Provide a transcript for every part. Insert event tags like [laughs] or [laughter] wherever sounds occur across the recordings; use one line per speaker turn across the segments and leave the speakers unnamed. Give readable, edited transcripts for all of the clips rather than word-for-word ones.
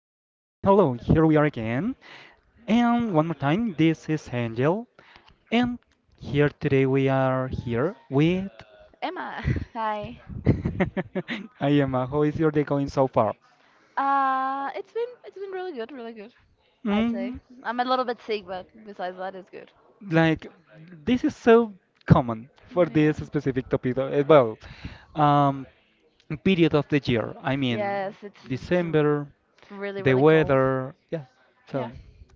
hello, here we are again. And one more time, this is Angel. And here today we are here with.
Emma, hi.
[laughs] I am. How is your day going so far?
It's been really good. I'd say
Mm,
I'm a little bit sick, but besides that, it's good.
like, this is so common for
Yeah.
this specific topic, well, um, period of the year. I mean,
It's
December,
really
the
really cold.
weather. Yeah.
Yeah.
So,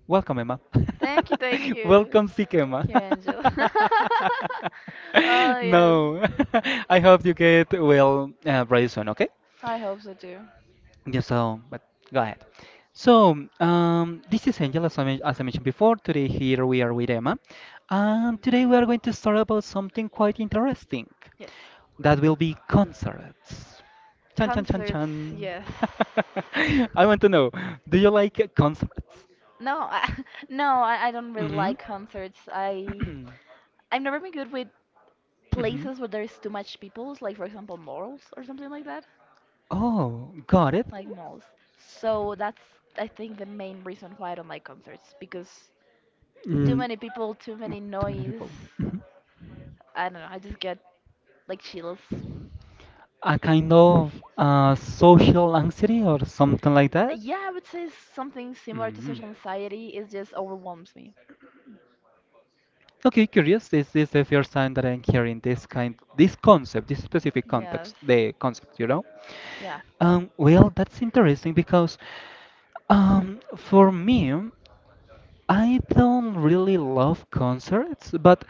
welcome, Emma.
Thank you, thank
[laughs]
you.
Welcome, sick
Thank
Emma.
you, Angel. [laughs] Oh
[laughs]
yes,
No, [laughs] I hope you get well very soon. Okay.
I hope so too.
Yeah, so, but go ahead. So, this is Angel, as as I mentioned before. Today, here we are with Emma. And today, we are going to start about something quite interesting.
Yes.
That will be concerts. Chan chan chan
Concerts,
chan.
yes.
[laughs] I want to know, do you like concerts?
[laughs] No, I don't really
Mm-hmm.
like concerts. I
[clears throat]
I've never been good with
Mm-hmm.
places where there's too much people, like for example malls or something like that,
Oh, got it.
like malls. So that's I think the main reason why I don't like concerts because too
Mm,
many people, too many
too many
noise.
people. Mhm.
I don't know. I just get like chills.
A kind of social anxiety or something like that?
Yeah, I would say something similar to
Mm.
social anxiety. It just overwhelms me.
Okay, curious. This is the first time that I'm hearing this concept, this specific
Yes.
context, the concept, you know?
Yeah.
Well, that's interesting because for me, I don't really love concerts, but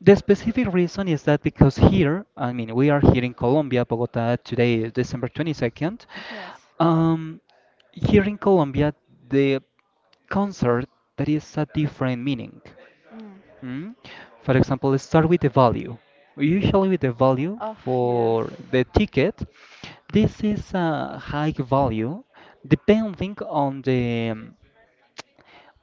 the specific reason is that because here, I mean, we are here in Colombia, Bogota, today, is December 22nd.
Yes.
Um, Here in Colombia, the concert that is a different meaning.
Mm.
Mm? For example, let's start with the value. Usually, with the value
Oh yes.
for the ticket, this is a high value depending on the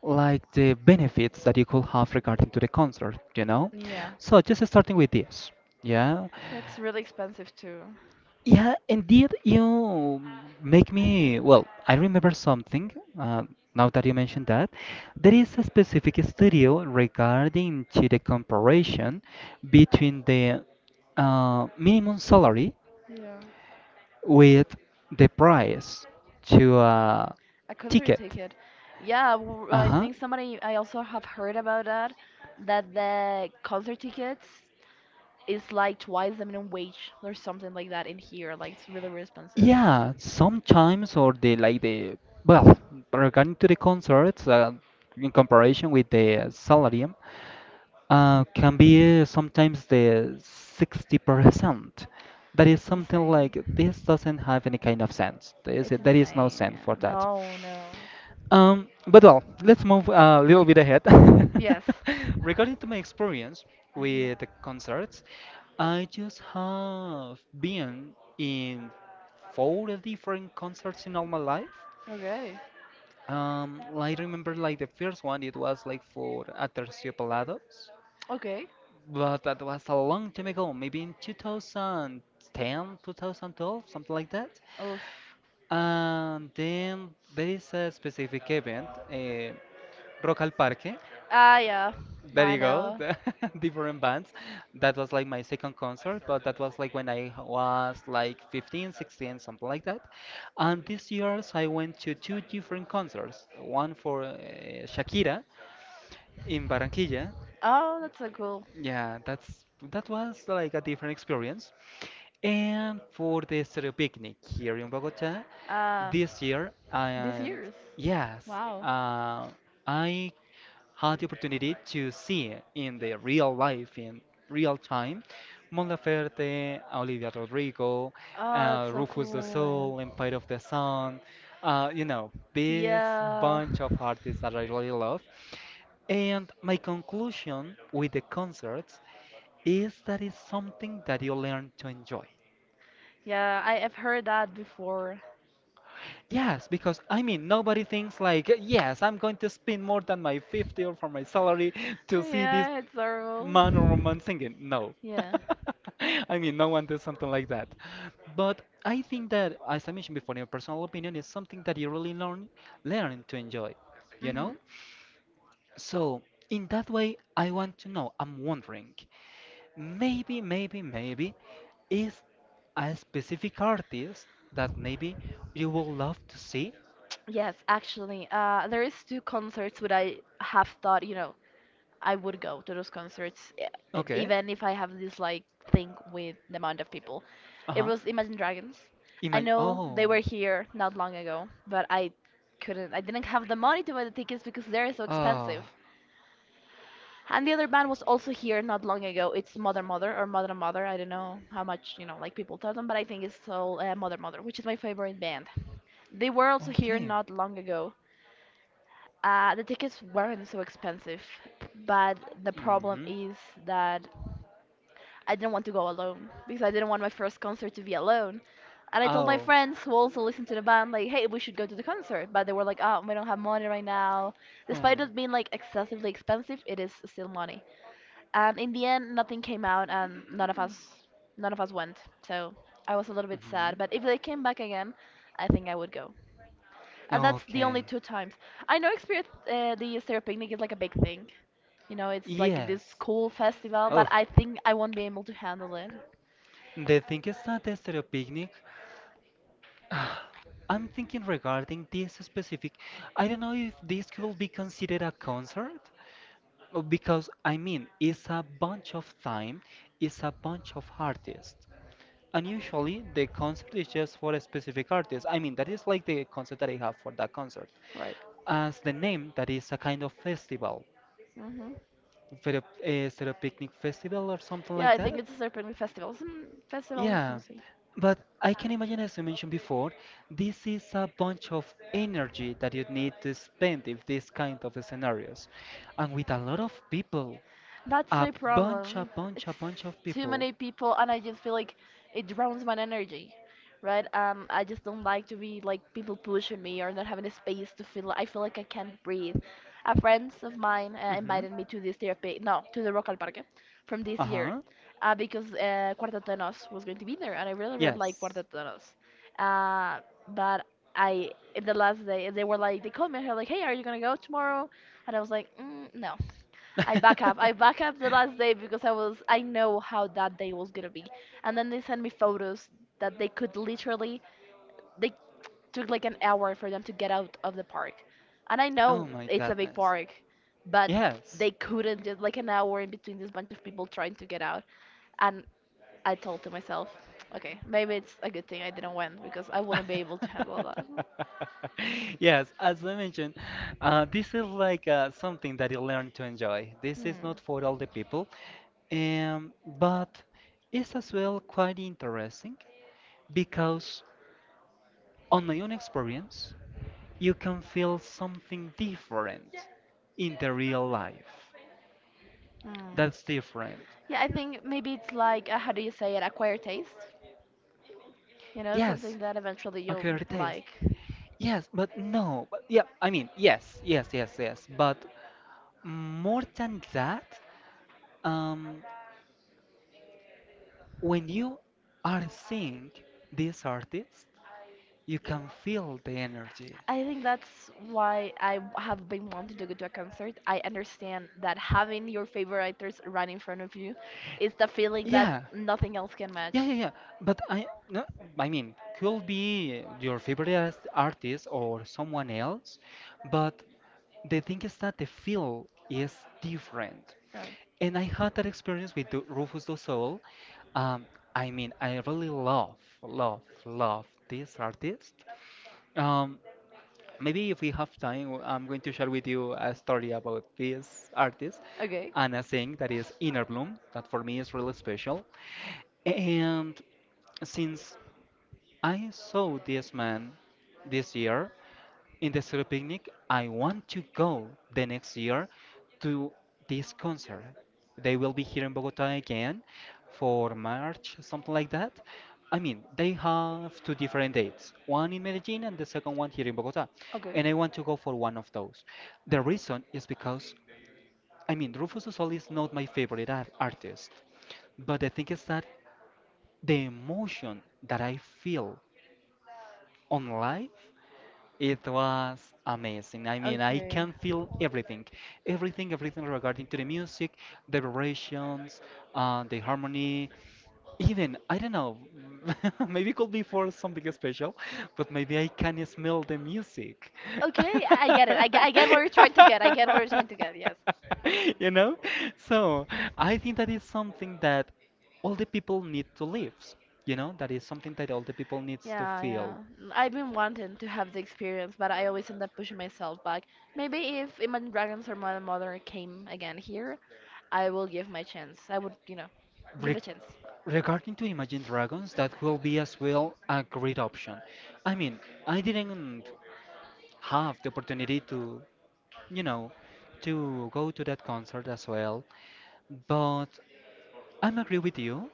like the benefits that you could have regarding to the concert, you know?
Yeah.
So just starting with this, yeah.
Yeah, it's really expensive too.
Yeah, indeed, you make me, well, I remember something uh, now that you mentioned that. There is a specific studio regarding to the comparison between the minimum salary
Yeah.
with the price to a
A concert
ticket.
ticket. Yeah, I
Uh-huh.
think somebody, I also have heard about that, that the concert tickets is like twice the minimum wage or something like that in here. Like, it's really, really expensive.
Yeah, sometimes or they like the well, regarding to the concerts, in comparison with the salary, can be sometimes the 60%. That is
It's
something
insane.
like this doesn't have any kind of sense. There is no
Insane,
sense for
yeah.
that.
No, no.
But well, let's move a little bit ahead.
Yes.
[laughs] Regarding to my experience
Mhm.
with the concerts, I just have been in 4 different concerts in all my life.
Okay.
I remember like the first one, it was like for Aterciopelados,
Okay.
but that was a long time ago, maybe in 2010, 2012, something like that.
Oof.
And then there is a specific event, Rock al Parque.
Ah, yeah.
There
I
you go,
know.
the [laughs] different bands. That was like my second concert, but that was like when I was like 15, 16, something like that. And this year I went to two different concerts, one for Shakira in Barranquilla.
Oh, that's so cool.
Yeah, that was like a different experience. And for the Stereo Picnic here in Bogota
Uh,
this year,
this
and
year's.
yes,
Wow.
uh, I had the opportunity to see in the real life, in real time, Mon Laferte, Olivia Rodrigo,
Oh, that's so
Rufus the
cool.
Soul, Empire of the Sun, you know, this
Yeah.
bunch of artists that I really love. And my conclusion with the concerts is that it's something that you learn to enjoy.
Yeah, I have heard that before.
Yes, because I mean, nobody thinks like, yes, I'm going to spend more than my 50 or for my salary [laughs] to see this
Yeah, it's horrible.
man or woman singing. No.
Yeah.
[laughs] I mean, no one does something like that. But I think that, as I mentioned before, in my personal opinion, is something that you really learn, learn to enjoy, you
hmm
know? So, in that way, I want to know, I'm wondering, maybe, is a specific artist that maybe you would love to see?
Yes, actually, there is two concerts that I have thought, you know, I would go to those concerts,
Okay,
even if I have this like thing with the amount of people. It
uh-huh.
was Imagine Dragons. I
Imagine,
know they
oh,
were here not long ago, but I didn't have the money to buy the tickets because they're so
ah,
expensive. And the other band was also here not long ago. It's Mother Mother or Mother Mother. I don't know how much, you know, like people tell them, but I think it's all Mother Mother, which is my favorite band. They were also here
okay.
not long ago. The tickets weren't so expensive, but the problem
Mm-hmm.
is that I didn't want to go alone because I didn't want my first concert to be alone. And I told my
Oh,
friends who also listened to the band, like, hey, we should go to the concert. But they were like, oh, we don't have money right now. Despite
hmm.
it being like excessively expensive, it is still money. And in the end, nothing came out, and none of us, none of us went. So I was a little bit
Mm-hmm.
sad. But if they came back again, I think I would go. That's the only
Okay.
two times. I know experience the Easter picnic is like a big thing. You know, it's like this
Yes.
cool festival, but
Oh,
I think I won't be able to handle it.
the thing is that the stereo picnic. [sighs] Ah, I'm thinking regarding this specific. I don't know if this could be considered a concert, because I mean, it's a bunch of time, it's a bunch of artists. And usually the concert is just for a specific artist. I mean, that is like the concept that I have for that concert.
Right.
As the name, that is a kind of festival,
hmm
stereo, stereo picnic festival or something
Yeah,
like
I
that.
think it's a Easter picnic festival. Some festival is
Yeah,
missing.
but I can imagine, as you mentioned before, this is a bunch of energy that you need to spend if this kind of scenarios. And with a lot of people,
That's
a
my problem. It's
a bunch of
too
people.
many people, and I just feel like it drowns my energy, right? I just don't like to be like people pushing me or not having a space to feel. I feel like I can't breathe. A friend of mine
Mm-hmm.
invited me to this therapy, no, to the Rock al Parque from this year,
Uh-huh.
because Cuartetos was going to be there, and I really, really like
Yes.
Cuartetos. Uh, but I the last day they were like they called me and they were like, hey, are you gonna go tomorrow? And I was like, mm, no.
[laughs]
I back up the last day because I know how that day was gonna be. And then they sent me photos that they could literally they took like an hour for them to get out of the park. And I
Oh
know
my
it's a big
goodness.
park, but
Yes.
they couldn't just like an hour in between this bunch of people trying to get out. And I told to myself, okay, maybe it's a good thing I didn't win because I wouldn't be able to handle that.
[laughs] Yes, as I mentioned, this is like something that you learn to enjoy. This
Hmm.
is not for all the people, um, but it's as well quite interesting because, on my own experience, you can feel something different in the real life.
Mm.
That's different.
Yeah, I think maybe it's like, how do you say it, acquired taste? You know, Yes.
Yes,
something that eventually you'll
okay, taste.
like.
Yes, but no, but yeah, I mean, yes, but more than that. Um, When you are seeing this artist, you can feel the energy.
I think that's why I have been wanting to go to a concert. I understand that having your favorite actors right in front of you is the feeling that
Yeah,
nothing else can match.
yeah. But I, no, I mean, could be your favorite artist or someone else, but the thing is that the feel is different.
Right.
And I had that experience with Rufus Du Sol. Um, I mean, I really love this artist. Um, Maybe if we have time, I'm going to share with you a story about this artist
Okay.
and a thing that is Inner Bloom, that for me is really special. And since I saw this man this year, in the Zero Picnic, I want to go the next year to this concert. They will be here in Bogota again for March, something like that. I mean, they have two different dates, one in Medellin and the second one here in Bogota.
Okay.
And I want to go for one of those. The reason is because, I mean, Rufus du Sol is not my favorite artist, but the thing is that the emotion that I feel on live it was amazing. I mean, I
Okay.
can feel everything, everything regarding to the music, the vibrations, the harmony. Even, I don't know, [laughs] maybe it could be for something special, but maybe I can smell the music.
Okay, I get it. I get what you're trying to get. I get what you're trying to get, yes.
[laughs] You know? So I think that is something that all the people need to live. You know, that is something that all the people needs to
Yeah, yeah.
feel.
I've been wanting to have the experience, but I always end up pushing myself back. Maybe if Imagine Dragons or Modern Mother came again here, I will give my chance. I would, you know, give
Re-
it a chance.
Regarding to Imagine Dragons, that will be as well a great option. I mean, I didn't have the opportunity to, you know, to go to that concert as well, but I'm agree with you.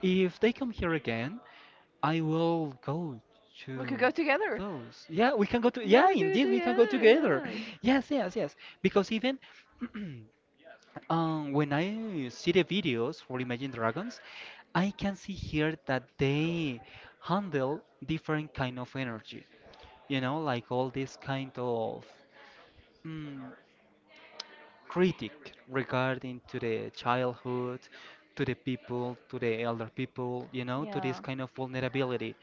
If they come here again, I will go
We could
to
go together.
those. Yeah, we can go to.
Yeah,
Yeah,
we could go
indeed, we can go
together,
together.
yes.
[laughs] Yes. Because even [clears throat] when I see the videos for Imagine Dragons, I can see here that they handle different kind of energy. You know, like all this kind of. Mm, critic regarding to the childhood, to the people, to the elder people, you know, to this
Yeah.
kind of vulnerability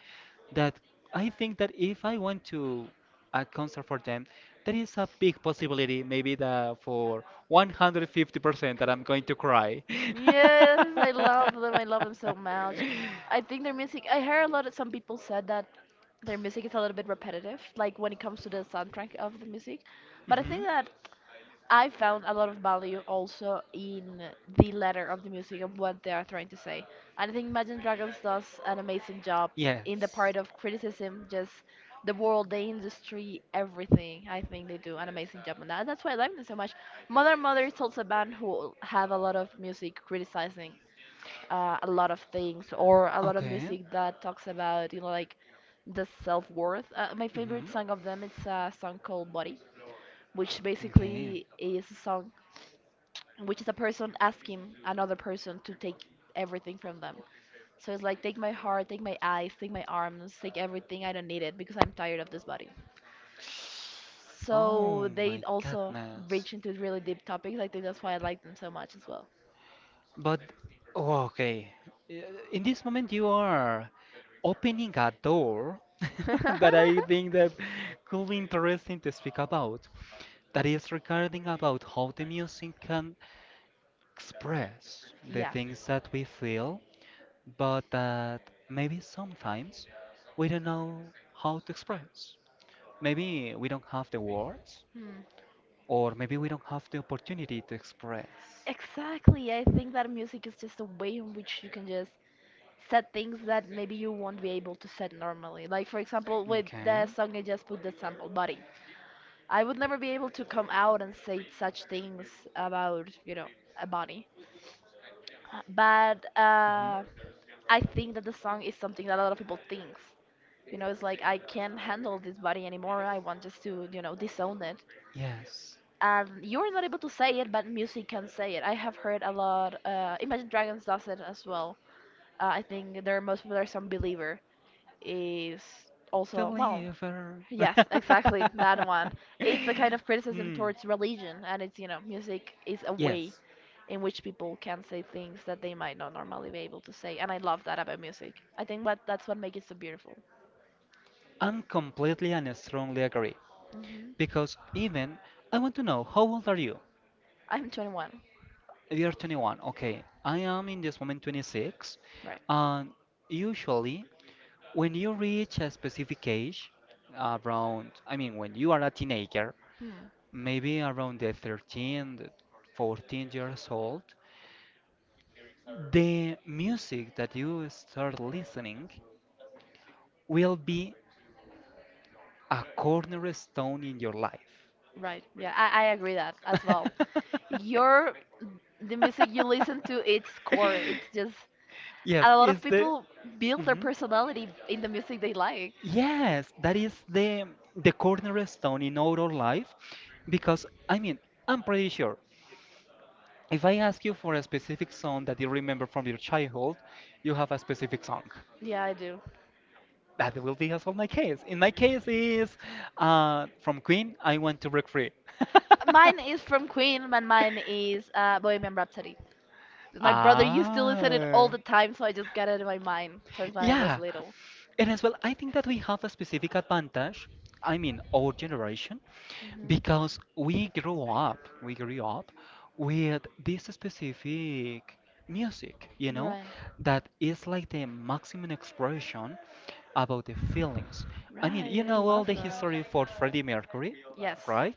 that I think that if I went to a concert for them, there is a big possibility, maybe that for 150% that I'm going to cry. [laughs]
Yes, I love them. I love them so much. I think their music. I heard a lot of some people said that their music is a little bit repetitive, like when it comes to the soundtrack of the music. But I
Hmm.
think that I found a lot of value also in the letter of the music of what they are trying to say. And I think Imagine Dragons does an amazing job in the
Yes.
part of criticism, just the world, the industry, everything. I think they do an amazing job on that. And that's why I like them so much. Mother Mother is also a band who have a lot of music criticizing a lot of things or a lot of
Okay.
music that talks about, you know, like the self worth. My favorite
Hmm.
song of them it's a song called Body, which
Okay.
basically is a song which is a person asking another person to take everything from them. So it's like, take my heart, take my eyes, take my arms, take everything. I don't need it because I'm tired of this body. So
Oh
they
my
also
goodness.
reach into really deep topics. I think that's why I like them so much as well.
But oh, okay, in this moment you are opening a door [laughs] that
[laughs]
I think that could be interesting to speak about. That is regarding about how the music can express the
yeah.
things that we feel, but that maybe sometimes we don't know how to express. Maybe we don't have the words,
Hmm.
or maybe we don't have the opportunity to express.
Exactly. I think that music is just a way in which you can just Set things that maybe you won't be able to set normally. Like for example, with
Okay.
the song I just put the sample, body. I would never be able to come out and say such things about you know a body, but
Mhm.
I think that the song is something that a lot of people thinks. You know, it's like I can't handle this body anymore. I want just to you know disown it.
Yes.
And you're not able to say it, but music can say it. I have heard a lot. Imagine Dragons does it as well. I think their most popular song "Believer." is also well
Deliver. [laughs]
yes exactly that one it's a kind of criticism
Hmm.
towards religion and it's you know music is a way
Yes,
in which people can say things that they might not normally be able to say and I love that about music I think what that's what makes it so beautiful
I'm completely and strongly agree. Because
hmm
even I want to know how old are you?
I'm 21
You're 21. Okay, I am in this moment 26.
right
And usually, when you reach a specific age, around, I mean, when you are a teenager,
hmm.
maybe around the 13, the 14-year-old years old, the music that you start listening will be a cornerstone in your life.
right yeah I agree that as well
[laughs]
[laughs] your the music you listen to it's core it's just
Yes,
Yeah, a lot of
it's
people
the
build their
mhm.
personality in the music they like.
Yes, that is the cornerstone in our life, because I mean, I'm pretty sure if I ask you for a specific song that you remember from your childhood, you have a specific song.
Yeah, I do.
That will be as well my case. In my case is from Queen, I want to break free. [laughs]
Mine is from Queen, and mine is Bohemian Rhapsody. My brother used to listen it all
Ah.
the time, so I just got it in my mind since when I was
Yeah.
little.
And as well, I think that we have a specific advantage, I mean, our generation,
Mhm.
because we grew up with this specific music, you know,
Right.
that is like the maximum expression about the feelings. I mean, you
Right, I
know all
love
the
that.
history for Freddie Mercury,
Yes.
right?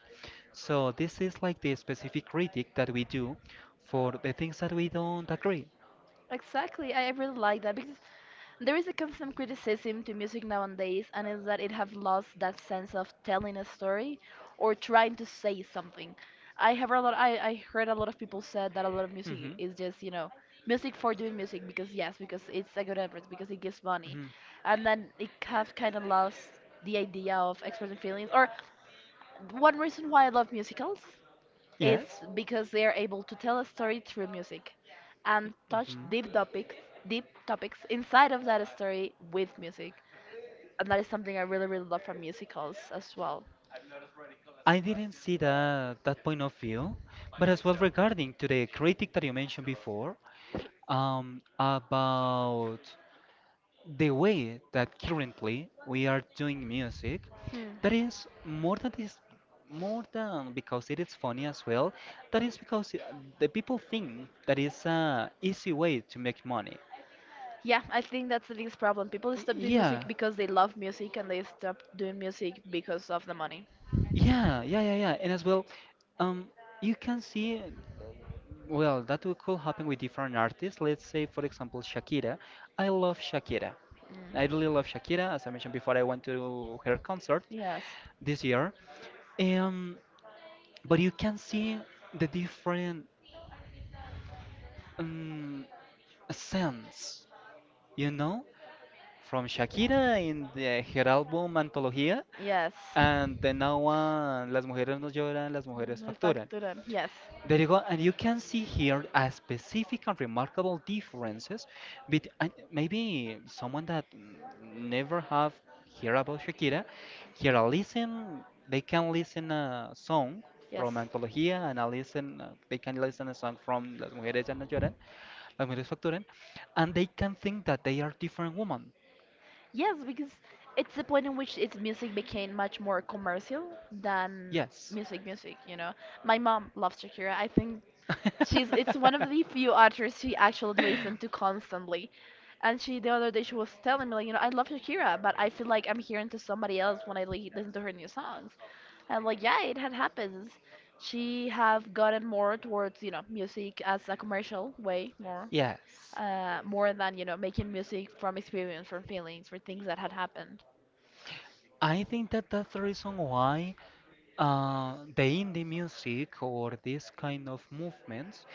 So this is like the specific critic that we do for the things that we don't agree.
Exactly. I really like that because there is a constant criticism to music nowadays, and is that it have lost that sense of telling a story or trying to say something. I have a lot. I heard a lot of people said that a lot of
Hmm.
music is just you know music for doing music because yes because it's a good effort because it gives money,
Hmm.
and then it have kind of lost the idea of expressing feelings. Or one reason why I love musicals is
Yes.
because they are able to tell a story through music and touch
Mhm.
deep topics inside of that story with music and that is something I really really love from musicals as well
I didn't see that point of view, but as well regarding to the critic that you mentioned before, about the way that currently we are doing music,
Hmm.
that is more than this, more than because it is funny as well. That is because the people think that it's a easy way to make money.
yeah I think that's the biggest problem people
Y-
stop doing music
Yeah,
because they love music and they stop doing music because of the money
yeah, yeah, yeah, yeah. And as well, um, you can see, well, that could happen with different artists. Let's say, for example, Shakira. I love Shakira.
Mm.
I really love Shakira. As I mentioned before, I went to her concert
yes
this year. Um, but you can see the different um, sense, you know, from Shakira in her album Antología,
yes
and the now one, Las mujeres no lloran, las mujeres
No
facturan.
factura yes
There you go, and you can see here a specific and remarkable differences. But maybe someone that never have heard about Shakira, here I listen, they can listen a song
Yes.
from Antología, and I listen, they can listen a song from Las Mujeres Ya No Lloran, Las Mujeres Facturan, and they can think that they are different women.
Yes, because it's the point in which its music became much more commercial than
Yes.
music music, you know. My mom loves Shakira. I think She's
[laughs]
it's one of the few artists she actually listens to constantly. And she the other day she was telling me like, you know, I love Shakira, but I feel like I'm hearing to somebody else when I listen to her new songs. And like, yeah, it had happens. She have gotten more towards, you know, music as a commercial way more.
Yes.
More than, making music from experience, from feelings, for things that had happened.
I think that that's the reason why the indie music or this kind of movements,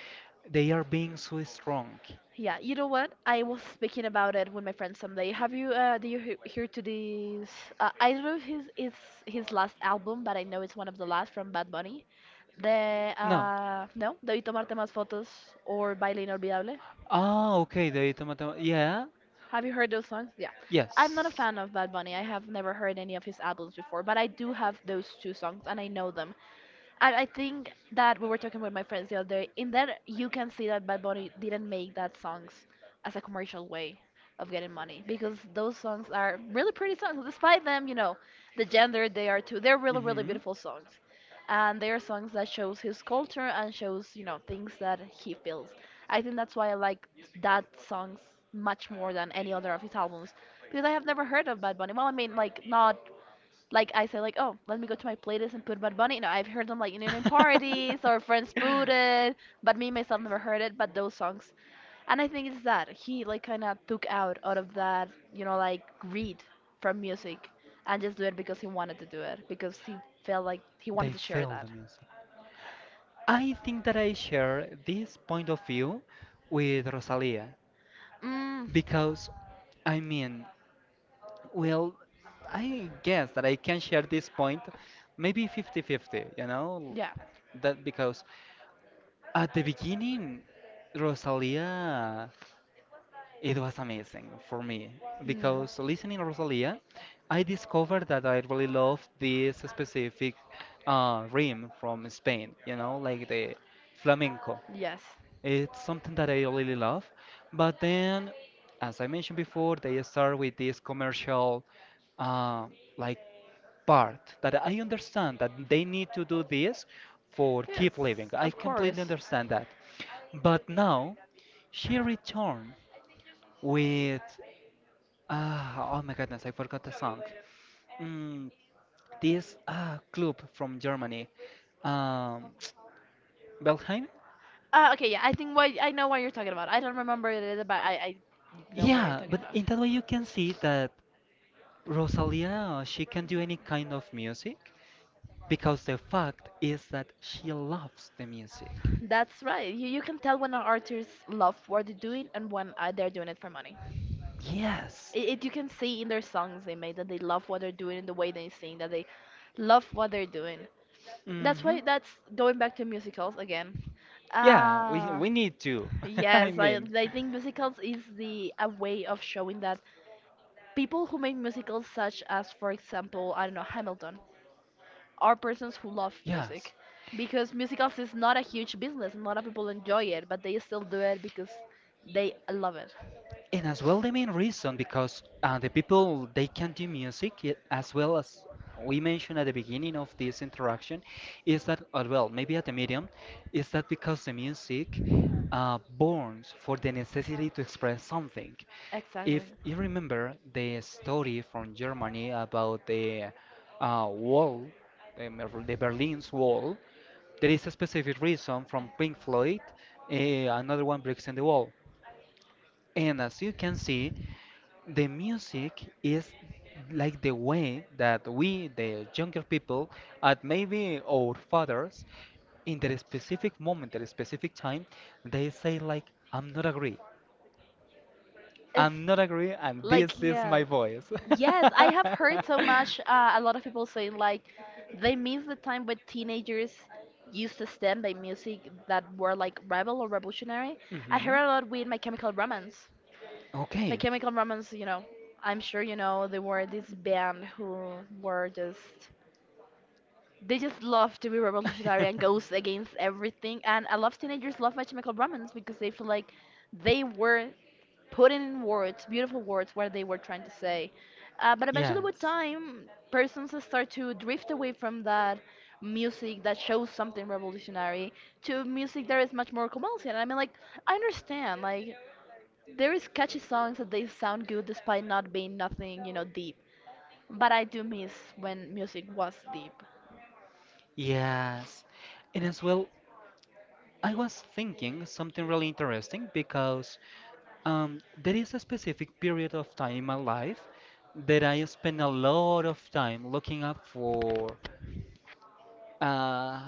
they are being so strong.
Yeah, you know what? I was speaking about it with my friend someday. Have you, do you hear to this? I don't know if his it's his last album, but I know it's one of the last from Bad Bunny. The No.
No.
No, Debí tomarte más fotos or Baile inolvidable.
Ah, okay, the tomato. Yeah,
Have you heard those songs? Yeah, I'm not
yes.
a fan of Bad Bunny. I have never heard any of his albums before, but I do have those two songs and I know them. And I think that we were talking with my friends the other day. In that, you can see that Bad Bunny didn't make that songs as a commercial way of getting money because those songs are really pretty songs. Despite them, you know, the gender they are too, they're really, really
Mm-hmm.
beautiful songs, and they are songs that shows his culture and shows you know things that he feels. I think that's why I like that songs much more than any other of his albums because I have never heard of Bad Bunny. Well, I mean, like not like I said, like, oh, let me go to my playlist and put Bad Bunny. You know, I've heard them like in parties or
[laughs]
friends booted, but me myself never heard it. But those songs, and I think it's that he like kind of took out of that, you know, like greed from music, and just do it because he wanted to do it because he felt like he wanted
They
to share
feel the
that.
music. I think that I share this point of view with Rosalia
Mm,
because, I mean, well, I guess that I can share this point, maybe 50-50, you know?
yeah.
That because at the beginning, Rosalia, it was amazing for me
Mm.
because listening Rosalia, I discovered that I really love this specific rhythm from Spain, you know, like the flamenco.
Yes.
It's something that I really love, but then, as I mentioned before, they start with this commercial uh, like part that I understand that they need to do this for
Yes,
keep living. I
of
completely
course.
understand that. But now she returned with oh my goodness, I forgot the song. Mm, this club from Germany, um, [tsk] Belheim.
Okay, yeah, I think why I know what you're talking about. I don't remember what it is about. I know what you're
Yeah,
talking
but
about.
in that way you can see that Rosalia she can do any kind of music because the fact is that she loves the music.
That's right. You can tell when an artist love what they're doing and when they're doing it for money.
Yes.
It you can see in their songs they made that they love what they're doing and the way they sing that they love what they're doing. That's
Hmm.
why that's going back to musicals again.
Yeah, we
Uh,
we need to. [laughs] I
yes, I
mean,
I think musicals is the a way of showing that. People who made musicals such as, for example, I don't know, Hamilton, are persons who love
yes.
music. Because musicals is not a huge business and a lot of people enjoy it, but they still do it because they love it.
And as well, the main reason because the people they can do music as well as we mentioned at the beginning of this interaction is that as well maybe at the medium is that because the music borns for the necessity to express something.
Exactly.
If you remember the story from Germany about the wall, the Berlin's wall, there is a specific reason from Pink Floyd, uh, another one breaks in the wall. And as you can see, the music is like the way that we, the younger people, and maybe our fathers, in that specific moment, that specific time, they say like, "I'm not agree, I'm not agree, and
Like
this is
yeah.
my voice."
Yes, I
[laughs]
have heard so much. A lot of people saying like they miss the time when teenagers used to stand by music that were like rebel or revolutionary. I heard
Mhm.
a lot with My Chemical Romance. My
Okay.
Chemical Romance, you know, I'm sure you know they were this band who were just they just love to be revolutionary and
[laughs]
goes against everything. And a lot of teenagers love My Chemical Romance because they feel like they were putting in words, beautiful words, what they were trying to say. But eventually, with
Yes.
time, persons start to drift away from that music that shows something revolutionary to music that is much more commercial. I mean, like, I understand, like, there is catchy songs that they sound good despite not being nothing, you know, deep. But I do miss when music was deep.
Yes. And as well, I was thinking something really interesting because there is a specific period of time in my life that I spend a lot of time looking up for uh,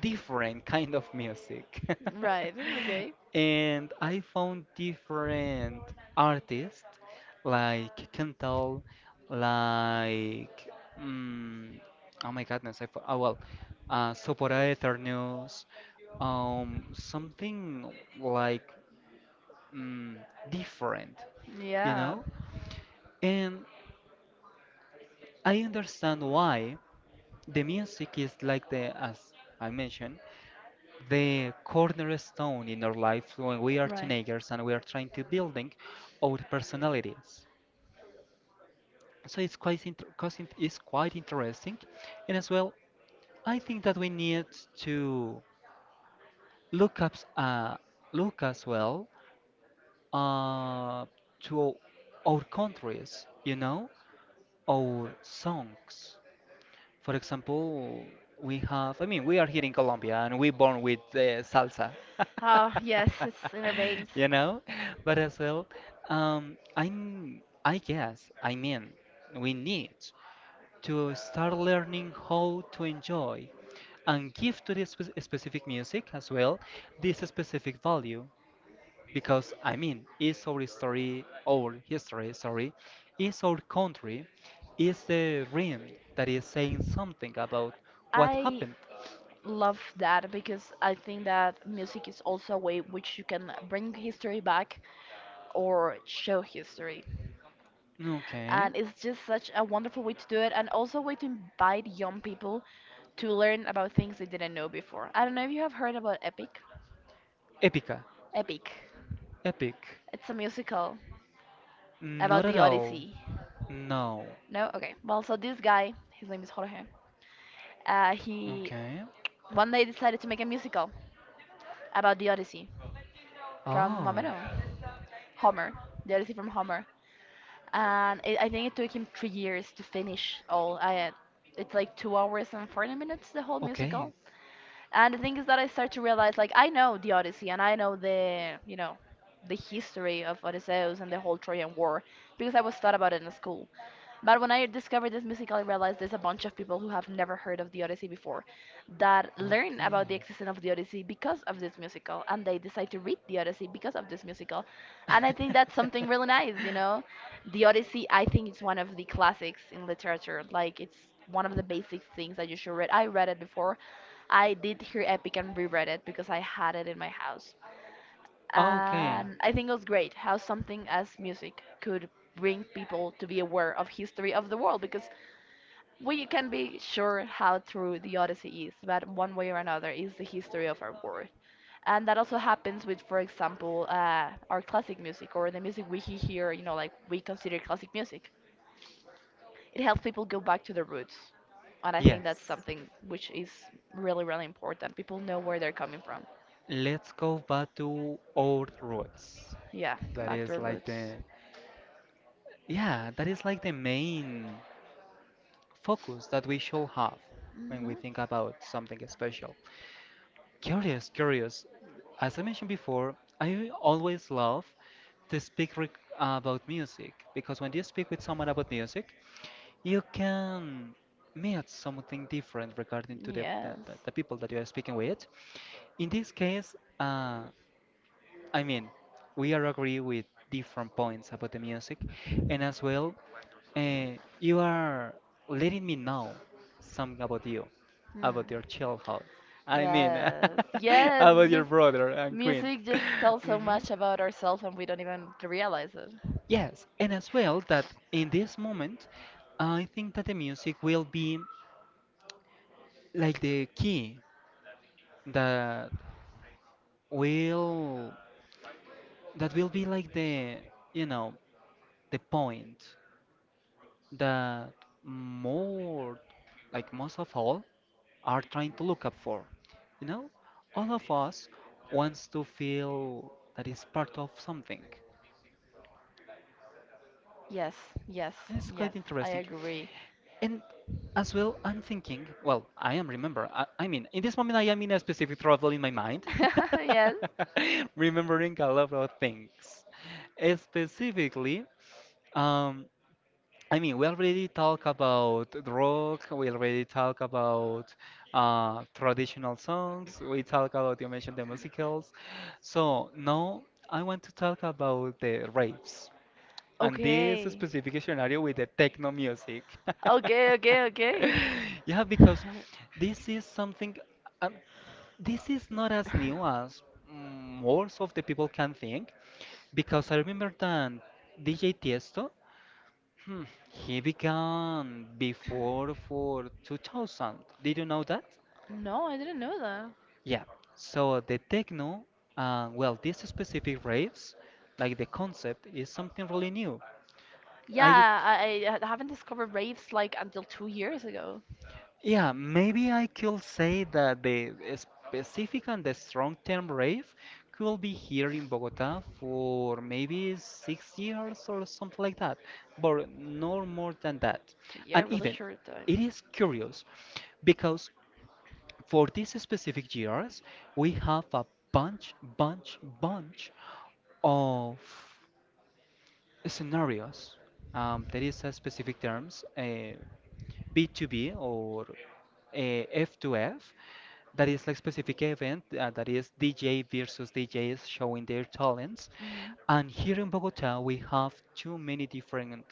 different kind of music.
[laughs] Right,
[laughs]
okay.
And I found different artists like Kental, like mm, oh my goodness, oh well, Sopora something like mm, different, you
Yeah,
know? And I understand why the music is like as I mentioned, the cornerstone in our life when we are
right.
teenagers and we are trying to building our personalities. So it's quite inter cause it is quite interesting, and as well, I think that we need to look up look as well uh, to our countries, you know, our songs. For example, we have, I mean, we are here in Colombia and we born with salsa,
Ah, yes, it's in our veins.
[laughs] you know? But as well, I guess, I mean, we need to start learning how to enjoy and give to this specific music as well this specific value because I mean, it's our history, sorry, is our country, is the ring that is saying something about what
I
happened.
I love that because I think that music is also a way which you can bring history back or show history.
Okay,
And it's just such a wonderful way to do it and also a way to invite young people to learn about things they didn't know before. I don't know if you have heard about Epic.
epica,
Epic.
epic,
It's a musical
not
about
at
the
all,
Odyssey.
no.
No? Okay. Well, so this guy, his name is Jorge, he
Okay,
one day decided to make a musical about the Odyssey from, I
oh,
don't know, Homer. The Odyssey from Homer. And it, I think it took him 3 years to finish all. It's like 2 hours and 40 minutes, the whole musical.
okay,
And the thing is that I start to realize, like, I know the Odyssey and I know the, you know, the history of Odysseus and the whole Trojan War because I was taught about it in school. But when I discovered this musical, I realized there's a bunch of people who have never heard of the Odyssey before that learn
okay.
about the existence of the Odyssey because of this musical, and they decide to read the Odyssey because of this musical. And I think that's something really nice, you know? The Odyssey, I think, is one of the classics in literature.
[laughs]
Like, it's one of the basic things that you should read. I read it before. I did hear Epic and reread it because I had it in my house
Okay.
and I think it was great how something as music could bring people to be aware of history of the world because we can be sure how true the Odyssey is, but one way or another is the history of our world. And that also happens with, for example, our classic music or the music we hear, you know, like we consider classic music. It helps people go back to their roots. And I think that's
Yes.
something which is really, really important. People know where they're coming from.
Let's go back to old roots.
Yeah,
That
back to
is
our
like the
roots.
Yeah, that is like the main focus that we should have when
Hmm.
we think about something special. Curious, curious. As I mentioned before, I always love to speak reg about music because when you speak with someone about music, you can meet something different regarding to the, the, the
Yes.
the people that you are speaking with. In this case, uh, I mean, we are agree with different points about the music, and as well, and you are letting me know something about you,
Hmm.
about your childhood. I mean,
Yes, [laughs]
[laughs]
yes,
about
it's
your
just
brother and queen.
music just
[laughs]
tells so
Mhm.
much about ourselves and we don't even realize it.
Yes, and as well that in this moment, I think that the music will be like the key that will that will be like the you know the point that more like most of all are trying to look up for. You know, all of us wants to feel that is part of something.
Yes, yes,
And it's
yes,
quite
I
interesting.
agree.
And as well, I'm thinking, well,
[laughs]
I am remember, I mean, in this moment, I am in a specific travel in my mind,
Yes.
[laughs] remembering a lot of things. Specifically, um, I mean, we already talk about the rock, we already talk about traditional songs, we talk about, you mentioned the musicals. So now I want to talk about the raves and this
Okay.
specific scenario with the techno music. [laughs]
Okay, okay, okay.
[laughs] Yeah,
[laughs]
because this is something, um, this is not as new as most of the people can think. Because I remember that DJ Tiesto. Hmm, He began before for 2000. Did you know that?
No, I didn't know that.
Yeah. So the techno, well, this specific raves, like the concept, is something really new. I
Yeah, I haven't discovered raves like until 2 years ago.
Yeah, maybe I could say that the specific and the strong term rave could be here in Bogota for maybe 6 years or something like that, but no more than that.
Yeah,
And
really
even
short
it
time.
is curious because for these specific years, we have a bunch, bunch, bunch of scenarios. There is a specific terms. B to b or a F to F. That is like specific event that is DJ versus DJs showing their talents.
Hmm.
And here in Bogota, we have too many different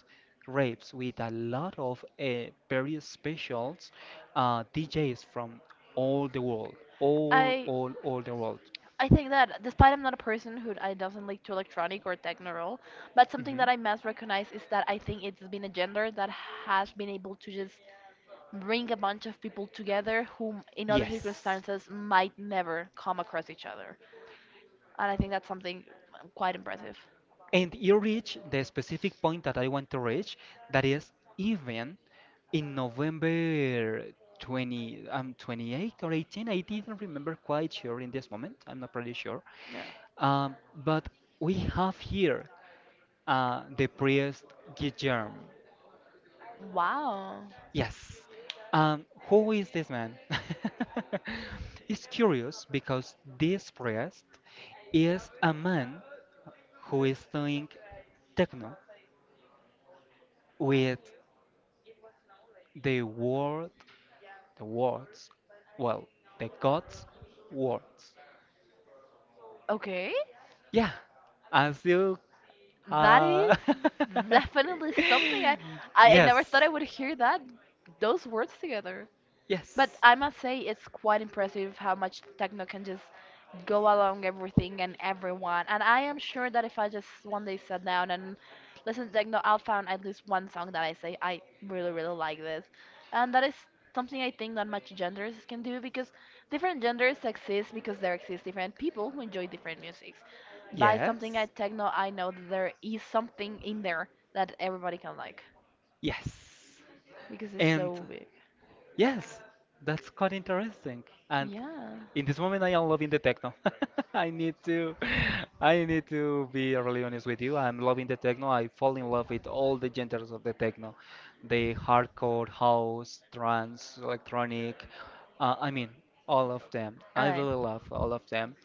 raves with a lot of very specials DJs from all the world,
I
all the world.
I think that despite I'm not a person who I doesn't like to electronic or techno roll, but something
Mhm.
that I must recognize is that I think it's been a gender that has been able to just bring a bunch of people together whom in other
Yes.
circumstances might never come across each other. And I think that's something quite impressive.
And you reach the specific point that I want to reach, that is even in November 20, 28 or 18, I didn't remember quite sure in this moment, I'm not pretty sure.
Yeah.
Um, but we have here the priest Guillermo.
Wow.
Yes. Who is this man? [laughs] It's curious because this priest is a man who is doing techno with the word, the words, well, the God's words.
Okay.
Yeah, as you,
That
uh,
is
[laughs]
definitely something I
yes,
never thought I would hear that those words together. But
yes.
I must say, it's quite impressive how much techno can just go along everything and everyone. And I am sure that
Yes,
if I just one day sat down and listened to techno, I'll find at least one song that I say, I really, really like this. And that is something I think not much genders can do because different genders exist because there exist different people who enjoy different musics. By something at techno, I know that there is something in there that everybody can like
yes.
because it's
And
so big.
yes, that's quite interesting. And
Yeah.
in this moment, I am loving the techno. [laughs] I need to, I need to be really honest with you. I'm loving the techno. I fall in love with all the genres of the techno, the hardcore, house, trance, electronic. I mean, all of them.
All
I
right.
really love all of them.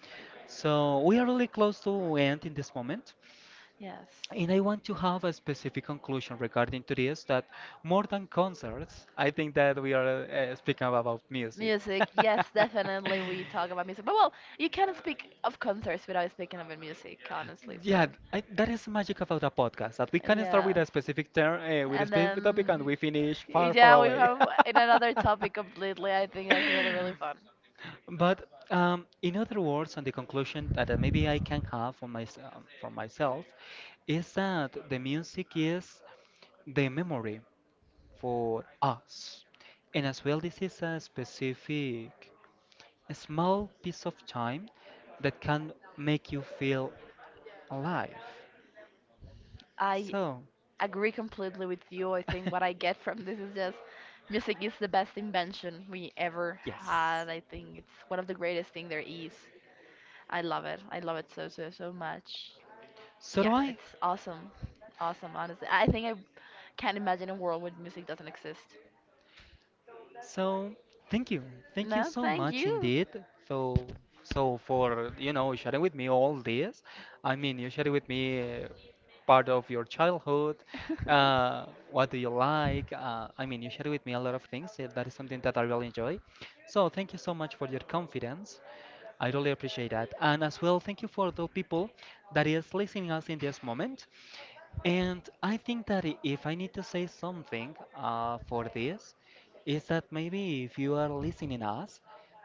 So we are really close to end in this moment.
Yes.
And I want to have a specific conclusion regarding to this that more than concerts, I think that we are speaking about music.
Music, yes,
[laughs]
definitely we talk about music. But well, you cannot speak of concerts without speaking about music, honestly. So,
Yeah, that is the magic about a podcast that we can start with
yeah,
a specific term, with a
and
specific topic, and
then
we finish far, far
yeah we
away.
have in another topic completely. I think that's really, really fun.
[laughs] But in other words, and the conclusion that maybe I can have for myself is that the music is the memory. For us. And as well, this is a specific, a small piece of time that can make you feel alive.
I
So,
agree completely with you. I think what I get
[laughs]
from this is just music is the best invention we ever
yes.
had. I think it's one of the greatest thing there is. I love it, I love it so, so, so much.
So do
Yeah,
I.
it's awesome, awesome, honestly. I think i can't imagine a world where music doesn't exist.
So thank you, thank you
No,
so
thank
much
you.
indeed. So so for sharing with me all this. I mean, you shared with me part of your childhood.
[laughs]
What do you like? I mean, you shared with me a lot of things. That is something that I really enjoy. So thank you so much for your confidence. I really appreciate that. And as well, thank you for the people that is listening us in this moment. And I think that if I need to say something for this is that maybe if you are listening us,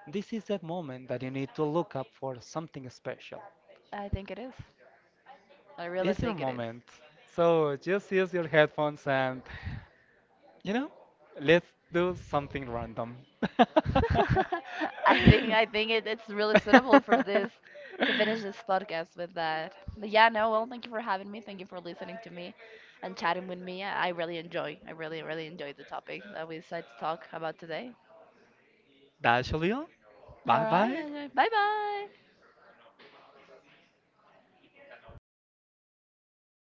this is that moment that you need to look up for something special.
I think it is. I really
It's your
think it is.
moment. So just use your headphones and, you know, let's do
[laughs]
something random. [laughs]
I think it, it's really suitable for this to finish this podcast with that. But yeah, no, well, thank you for having me. Thank you for listening to me and chatting with me. I really enjoy. I really, really enjoyed the topic that we decided to talk about today.
That's all.
All
Bye bye.
right. Bye bye.